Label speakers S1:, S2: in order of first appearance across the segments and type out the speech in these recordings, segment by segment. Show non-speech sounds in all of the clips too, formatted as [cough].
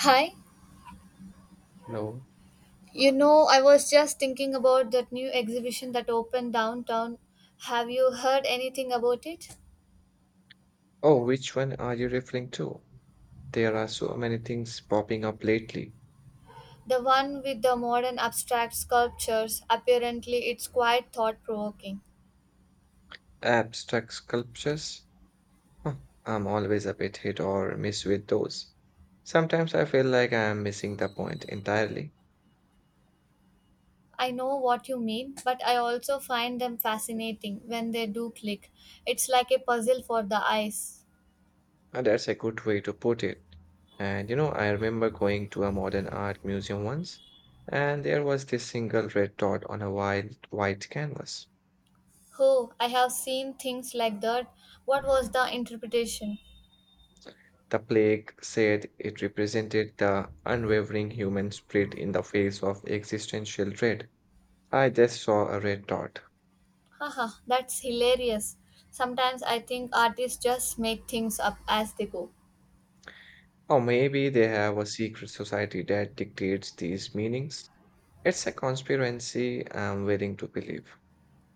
S1: Hi,
S2: No.
S1: you know, I was just thinking about that new exhibition that opened downtown. Have you heard anything about it?
S2: Oh, which one are you referring to? There are so many things popping up lately.
S1: The one with the modern abstract sculptures. Apparently, it's quite thought provoking.
S2: Abstract sculptures? Huh, I'm always a bit hit or miss with those. Sometimes I feel like I am missing the point entirely.
S1: I know what you mean, but I also find them fascinating when they do click. It's like a puzzle for the eyes.
S2: And that's a good way to put it. And you know, I remember going to a modern art museum once, and there was this single red dot on a wild white canvas.
S1: Oh, I have seen things like that. What was the interpretation?
S2: The plaque said it represented the unwavering human spirit in the face of existential dread. I just saw a red dot.
S1: Haha, that's hilarious. Sometimes I think artists just make things up as they go.
S2: Or maybe they have a secret society that dictates these meanings. It's a conspiracy I'm willing to believe.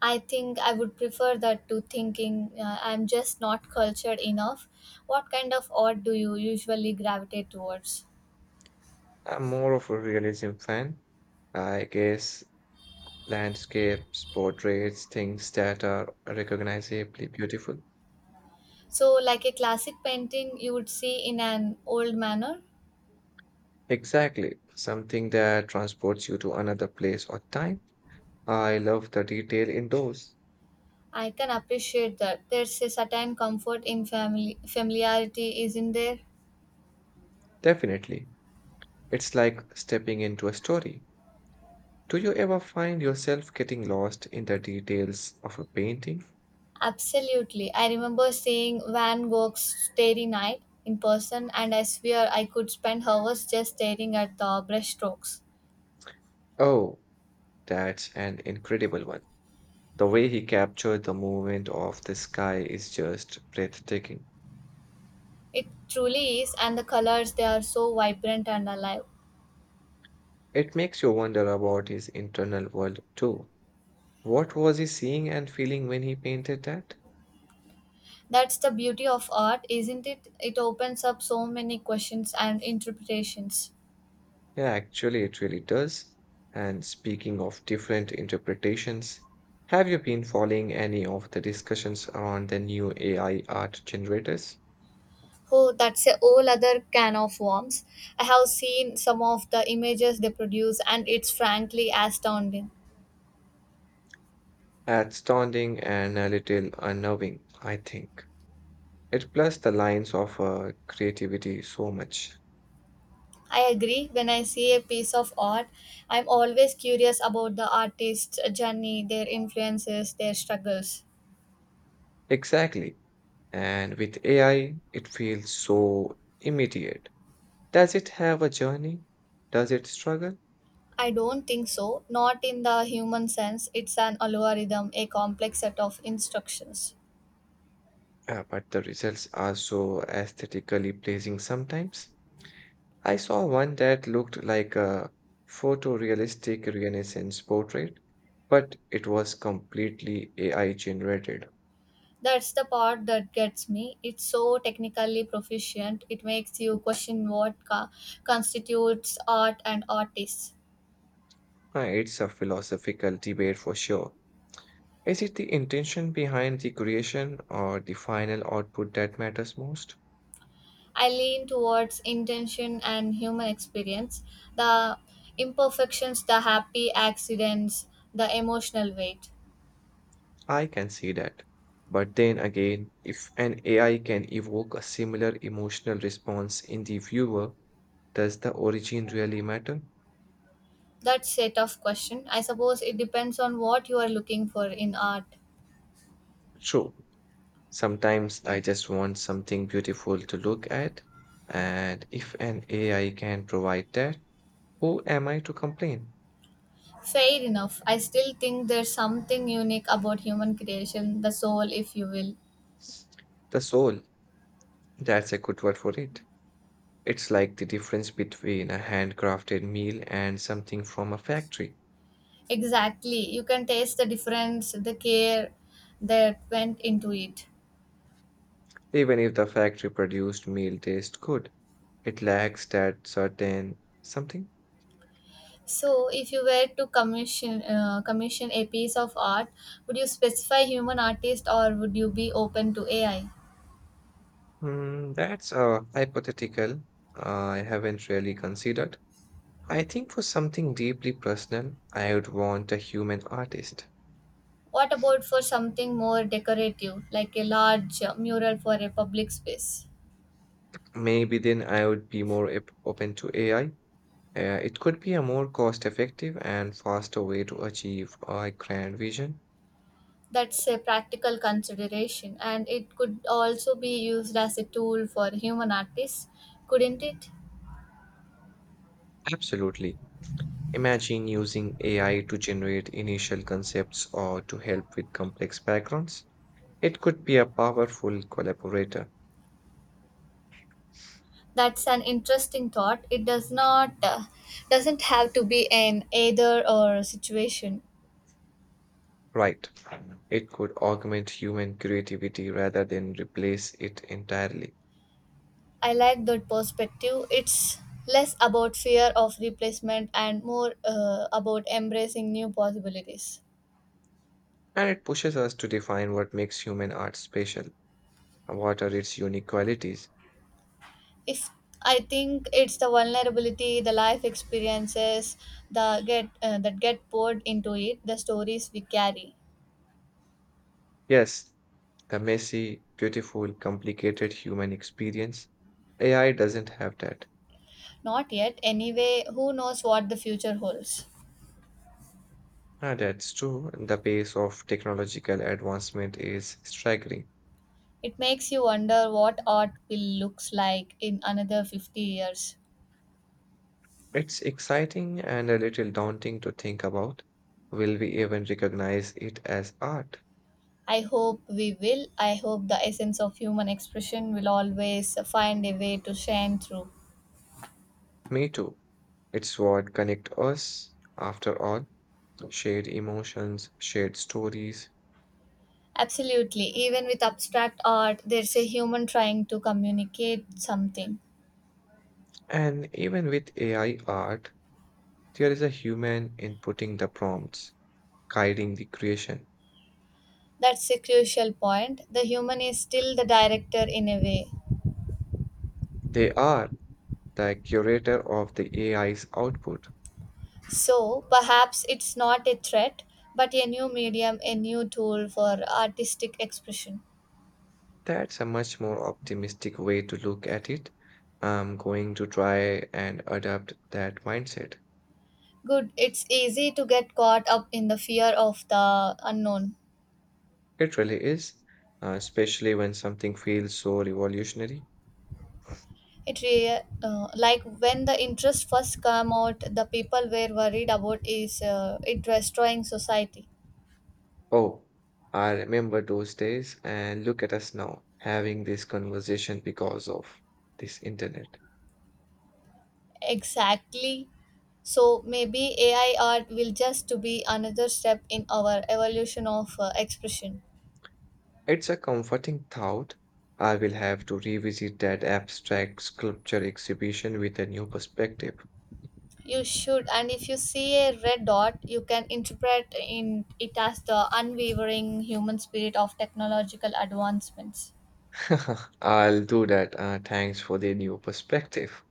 S1: I think I would prefer that to thinking I'm just not cultured enough. What kind of art do you usually gravitate towards?
S2: I'm more of a realism fan. I guess landscapes, portraits, things that are recognizably beautiful.
S1: So, like a classic painting you would see in an old manner?
S2: Exactly, something that transports you to another place or time. I love the detail in those.
S1: I can appreciate that. There's a certain comfort in family familiarity, isn't there?
S2: Definitely. It's like stepping into a story. Do you ever find yourself getting lost in the details of a painting?
S1: Absolutely. I remember seeing Van Gogh's Starry Night in person, and I swear I could spend hours just staring at the brushstrokes.
S2: Oh, that's an incredible one. The way he captured the movement of the sky is just breathtaking.
S1: It truly is, and the colors they are so vibrant and alive.
S2: It makes you wonder about his internal world too. What was he seeing and feeling when he painted that?
S1: That's the beauty of art, isn't it? It opens up so many questions and interpretations.
S2: Yeah, actually, it really does. And speaking of different interpretations, have you been following any of the discussions around the new AI art generators?
S1: Oh, that's a whole other can of worms. I have seen some of the images they produce, and it's frankly astounding.
S2: Outstanding and a little unnerving, I think. It blurs the lines of creativity so much.
S1: I agree. When I see a piece of art, I'm always curious about the artist's journey, their influences, their struggles.
S2: Exactly. And with AI, it feels so immediate. Does it have a journey? Does it struggle?
S1: I don't think so. Not in the human sense. It's an algorithm, a complex set of instructions.
S2: But the results are so aesthetically pleasing sometimes. I saw one that looked like a photorealistic Renaissance portrait, but it was completely AI generated.
S1: That's the part that gets me. It's so technically proficient. It makes you question what constitutes art and artists.
S2: It's a philosophical debate for sure. Is it the intention behind the creation or the final output that matters most?
S1: I lean towards intention and human experience, the imperfections, the happy accidents, the emotional weight.
S2: I can see that. But then again, if an AI can evoke a similar emotional response in the viewer, does the origin really matter?
S1: That set of question. I suppose it depends on what you are looking for in art.
S2: True, sometimes I just want something beautiful to look at, and if an AI can provide that, who am I to complain?
S1: Fair enough. I still think there's something unique about human creation, the soul, if you will.
S2: The soul, that's a good word for it. It's like the difference between a handcrafted meal and something from a factory.
S1: Exactly. You can taste the difference, the care that went into it.
S2: Even if the factory produced meal tastes good, it lacks that certain something.
S1: So, if you were to commission a piece of art, would you specify human artist or would you be open to AI?
S2: Hmm, that's a hypothetical I haven't really considered. I think for something deeply personal, I would want a human artist.
S1: What about for something more decorative, like a large mural for a public space?
S2: Maybe then I would be more open to AI. It could be a more cost effective and faster way to achieve a grand vision.
S1: That's a practical consideration, and it could also be used as a tool for human artists, couldn't it?
S2: Absolutely. Imagine using AI to generate initial concepts or to help with complex backgrounds. It could be a powerful collaborator.
S1: That's an interesting thought. It doesn't have to be an either or situation.
S2: Right. It could augment human creativity rather than replace it entirely.
S1: I like that perspective. It's less about fear of replacement and more about embracing new possibilities.
S2: And it pushes us to define what makes human art special and what are its unique qualities.
S1: If I think it's the vulnerability, the life experiences, the get that get poured into it, the stories we carry.
S2: Yes, the messy, beautiful, complicated human experience. AI doesn't have that.
S1: Not yet, anyway. Who knows what the future holds?
S2: Ah, that's true. The pace of technological advancement is staggering.
S1: It makes you wonder what art will looks like in another 50 years.
S2: It's exciting and a little daunting to think about. Will we even recognize it as art?
S1: I hope we will. I hope the essence of human expression will always find a way to shine through.
S2: Me too. It's what connect us, after all, shared emotions, shared stories.
S1: Absolutely. Even with abstract art, there's a human trying to communicate something.
S2: And even with AI art, there is a human inputting the prompts, guiding the creation.
S1: That's a crucial point. The human is still the director in a way.
S2: They are the curator of the AI's output.
S1: So perhaps it's not a threat, but a new medium, a new tool for artistic expression.
S2: That's a much more optimistic way to look at it. I'm going to try and adopt that mindset.
S1: Good. It's easy to get caught up in the fear of the unknown.
S2: It really is, especially when something feels so revolutionary.
S1: It re Like when the interest first came out, the people were worried about is it destroying society.
S2: Oh, I remember those days, and look at us now having this conversation because of this internet.
S1: Exactly. So maybe AI art will just to be another step in our evolution of expression.
S2: It's a comforting thought. I will have to revisit that abstract sculpture exhibition with a new perspective.
S1: You should, and if you see a red dot, you can interpret in it as the unwavering human spirit of technological advancements.
S2: [laughs] I'll do that. Thanks for the new perspective.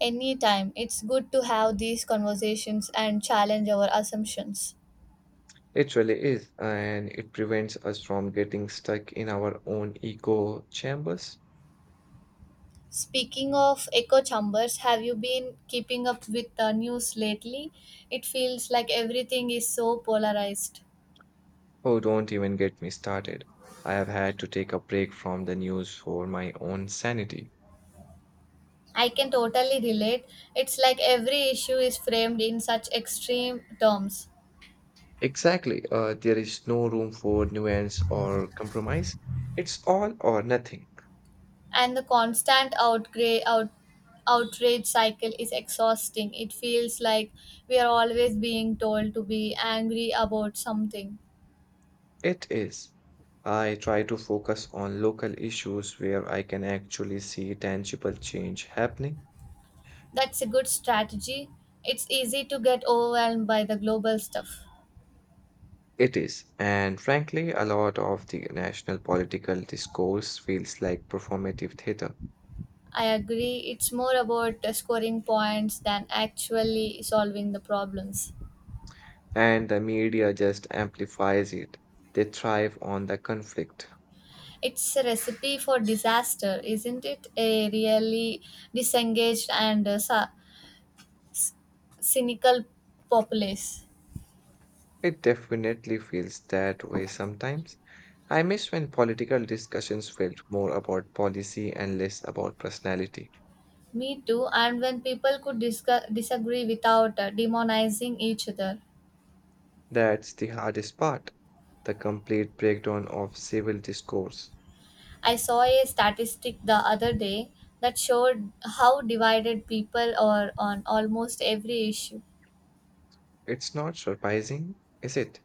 S1: Anytime, it's good to have these conversations and challenge our assumptions.
S2: It really is, and it prevents us from getting stuck in our own echo chambers.
S1: Speaking of echo chambers, have you been keeping up with the news lately? It feels like everything is so polarized.
S2: Oh, don't even get me started. I have had to take a break from the news for my own sanity.
S1: I can totally relate. It's like every issue is framed in such extreme terms,
S2: Exactly. There is no room for nuance or compromise. It's all or nothing.
S1: and the constant outrage cycle is exhausting. It feels like we are always being told to be angry about something.
S2: It is. I try to focus on local issues where I can actually see tangible change happening.
S1: That's a good strategy. It's easy to get overwhelmed by the global stuff.
S2: It is. And frankly, a lot of the national political discourse feels like performative theater,
S1: I agree. It's more about scoring points than actually solving the problems.
S2: and the media just amplifies it. They thrive on the conflict.
S1: It's a recipe for disaster, isn't it? A really disengaged and cynical populace.
S2: It definitely feels that way sometimes. I miss when political discussions felt more about policy and less about personality.
S1: Me too. And when people could discuss, disagree without demonizing each other.
S2: That's the hardest part, the complete breakdown of civil discourse.
S1: I saw a statistic the other day that showed how divided people are on almost every issue,
S2: It's not surprising, is it?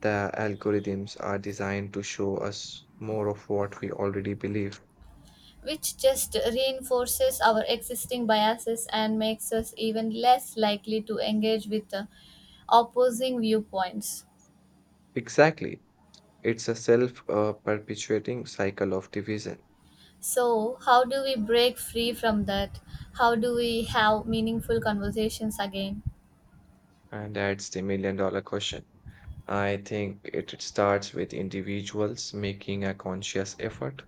S2: The algorithms are designed to show us more of what we already believe.
S1: which just reinforces our existing biases and makes us even less likely to engage with opposing viewpoints.
S2: Exactly. It's a self perpetuating cycle of division.
S1: So, how do we break free from that? How do we have meaningful conversations again?
S2: And that's the million-dollar question. I think it starts with individuals making a conscious effort.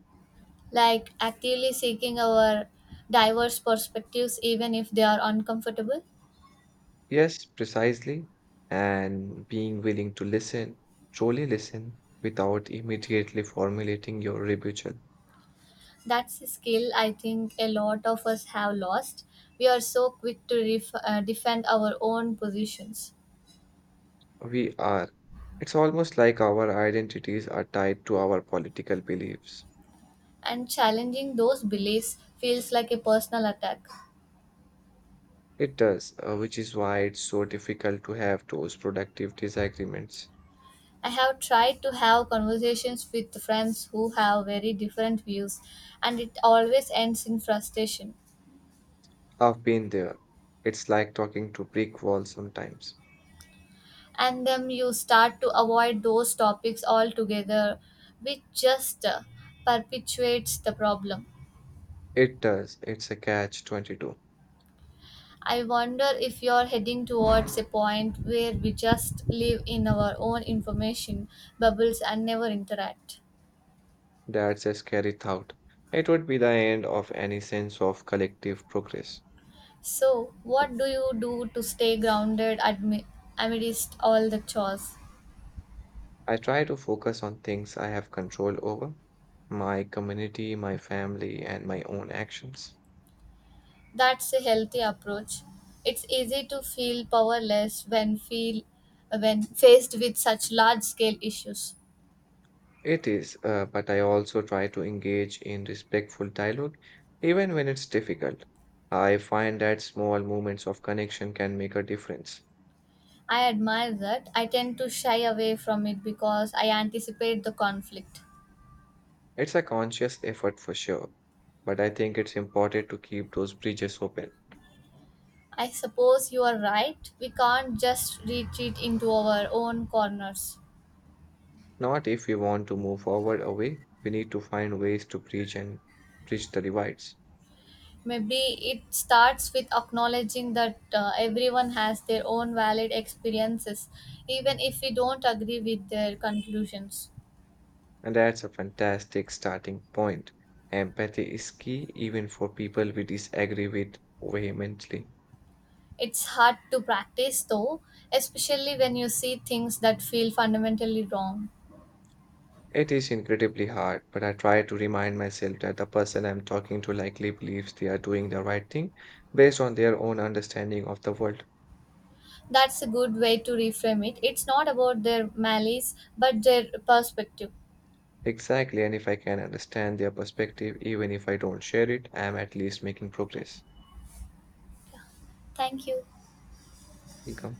S1: Like actively seeking our diverse perspectives, even if they are uncomfortable?
S2: Yes, precisely. And being willing to listen, truly listen, without immediately formulating your rebuttal.
S1: That's a skill I think a lot of us have lost. We are so quick to defend our own positions
S2: We are. It's almost like our identities are tied to our political beliefs.
S1: and challenging those beliefs feels like a personal attack.
S2: It does, which is why it's so difficult to have those productive disagreements.
S1: I have tried to have conversations with friends who have very different views, and it always ends in frustration.
S2: I've been there. It's like talking to brick walls sometimes.
S1: And then you start to avoid those topics altogether, which just perpetuates the problem.
S2: It does. It's a catch 22.
S1: I wonder if you're heading towards a point where we just live in our own information bubbles and never interact.
S2: That's a scary thought. It would be the end of any sense of collective progress.
S1: So, what do you do to stay amidst all the chores?
S2: I try to focus on things I have control over, my community, my family, and my own actions.
S1: That's a healthy approach. It's easy to feel powerless when faced with such large scale issues.
S2: It is, but I also try to engage in respectful dialogue, even when it's difficult. I find that small moments of connection can make a difference.
S1: I admire that. I tend to shy away from it because I anticipate the conflict.
S2: It's a conscious effort for sure, but I think it's important to keep those bridges open.
S1: I suppose you are right. We can't just retreat into our own corners.
S2: Not if we want to move forward away, we need to find ways to bridge and bridge the divides.
S1: Maybe it starts with acknowledging that everyone has their own valid experiences, even if we don't agree with their conclusions.
S2: And that's a fantastic starting point. Empathy is key even for people we disagree with vehemently.
S1: It's hard to practice though, especially when you see things that feel fundamentally wrong.
S2: It is incredibly hard, but I try to remind myself that the person I'm talking to likely believes they are doing the right thing based on their own understanding of the world.
S1: That's a good way to reframe it. It's not about their malice but their perspective.
S2: Exactly, and if I can understand their perspective, even if I don't share it, I am at least making progress.
S1: Thank you.
S2: Ikram.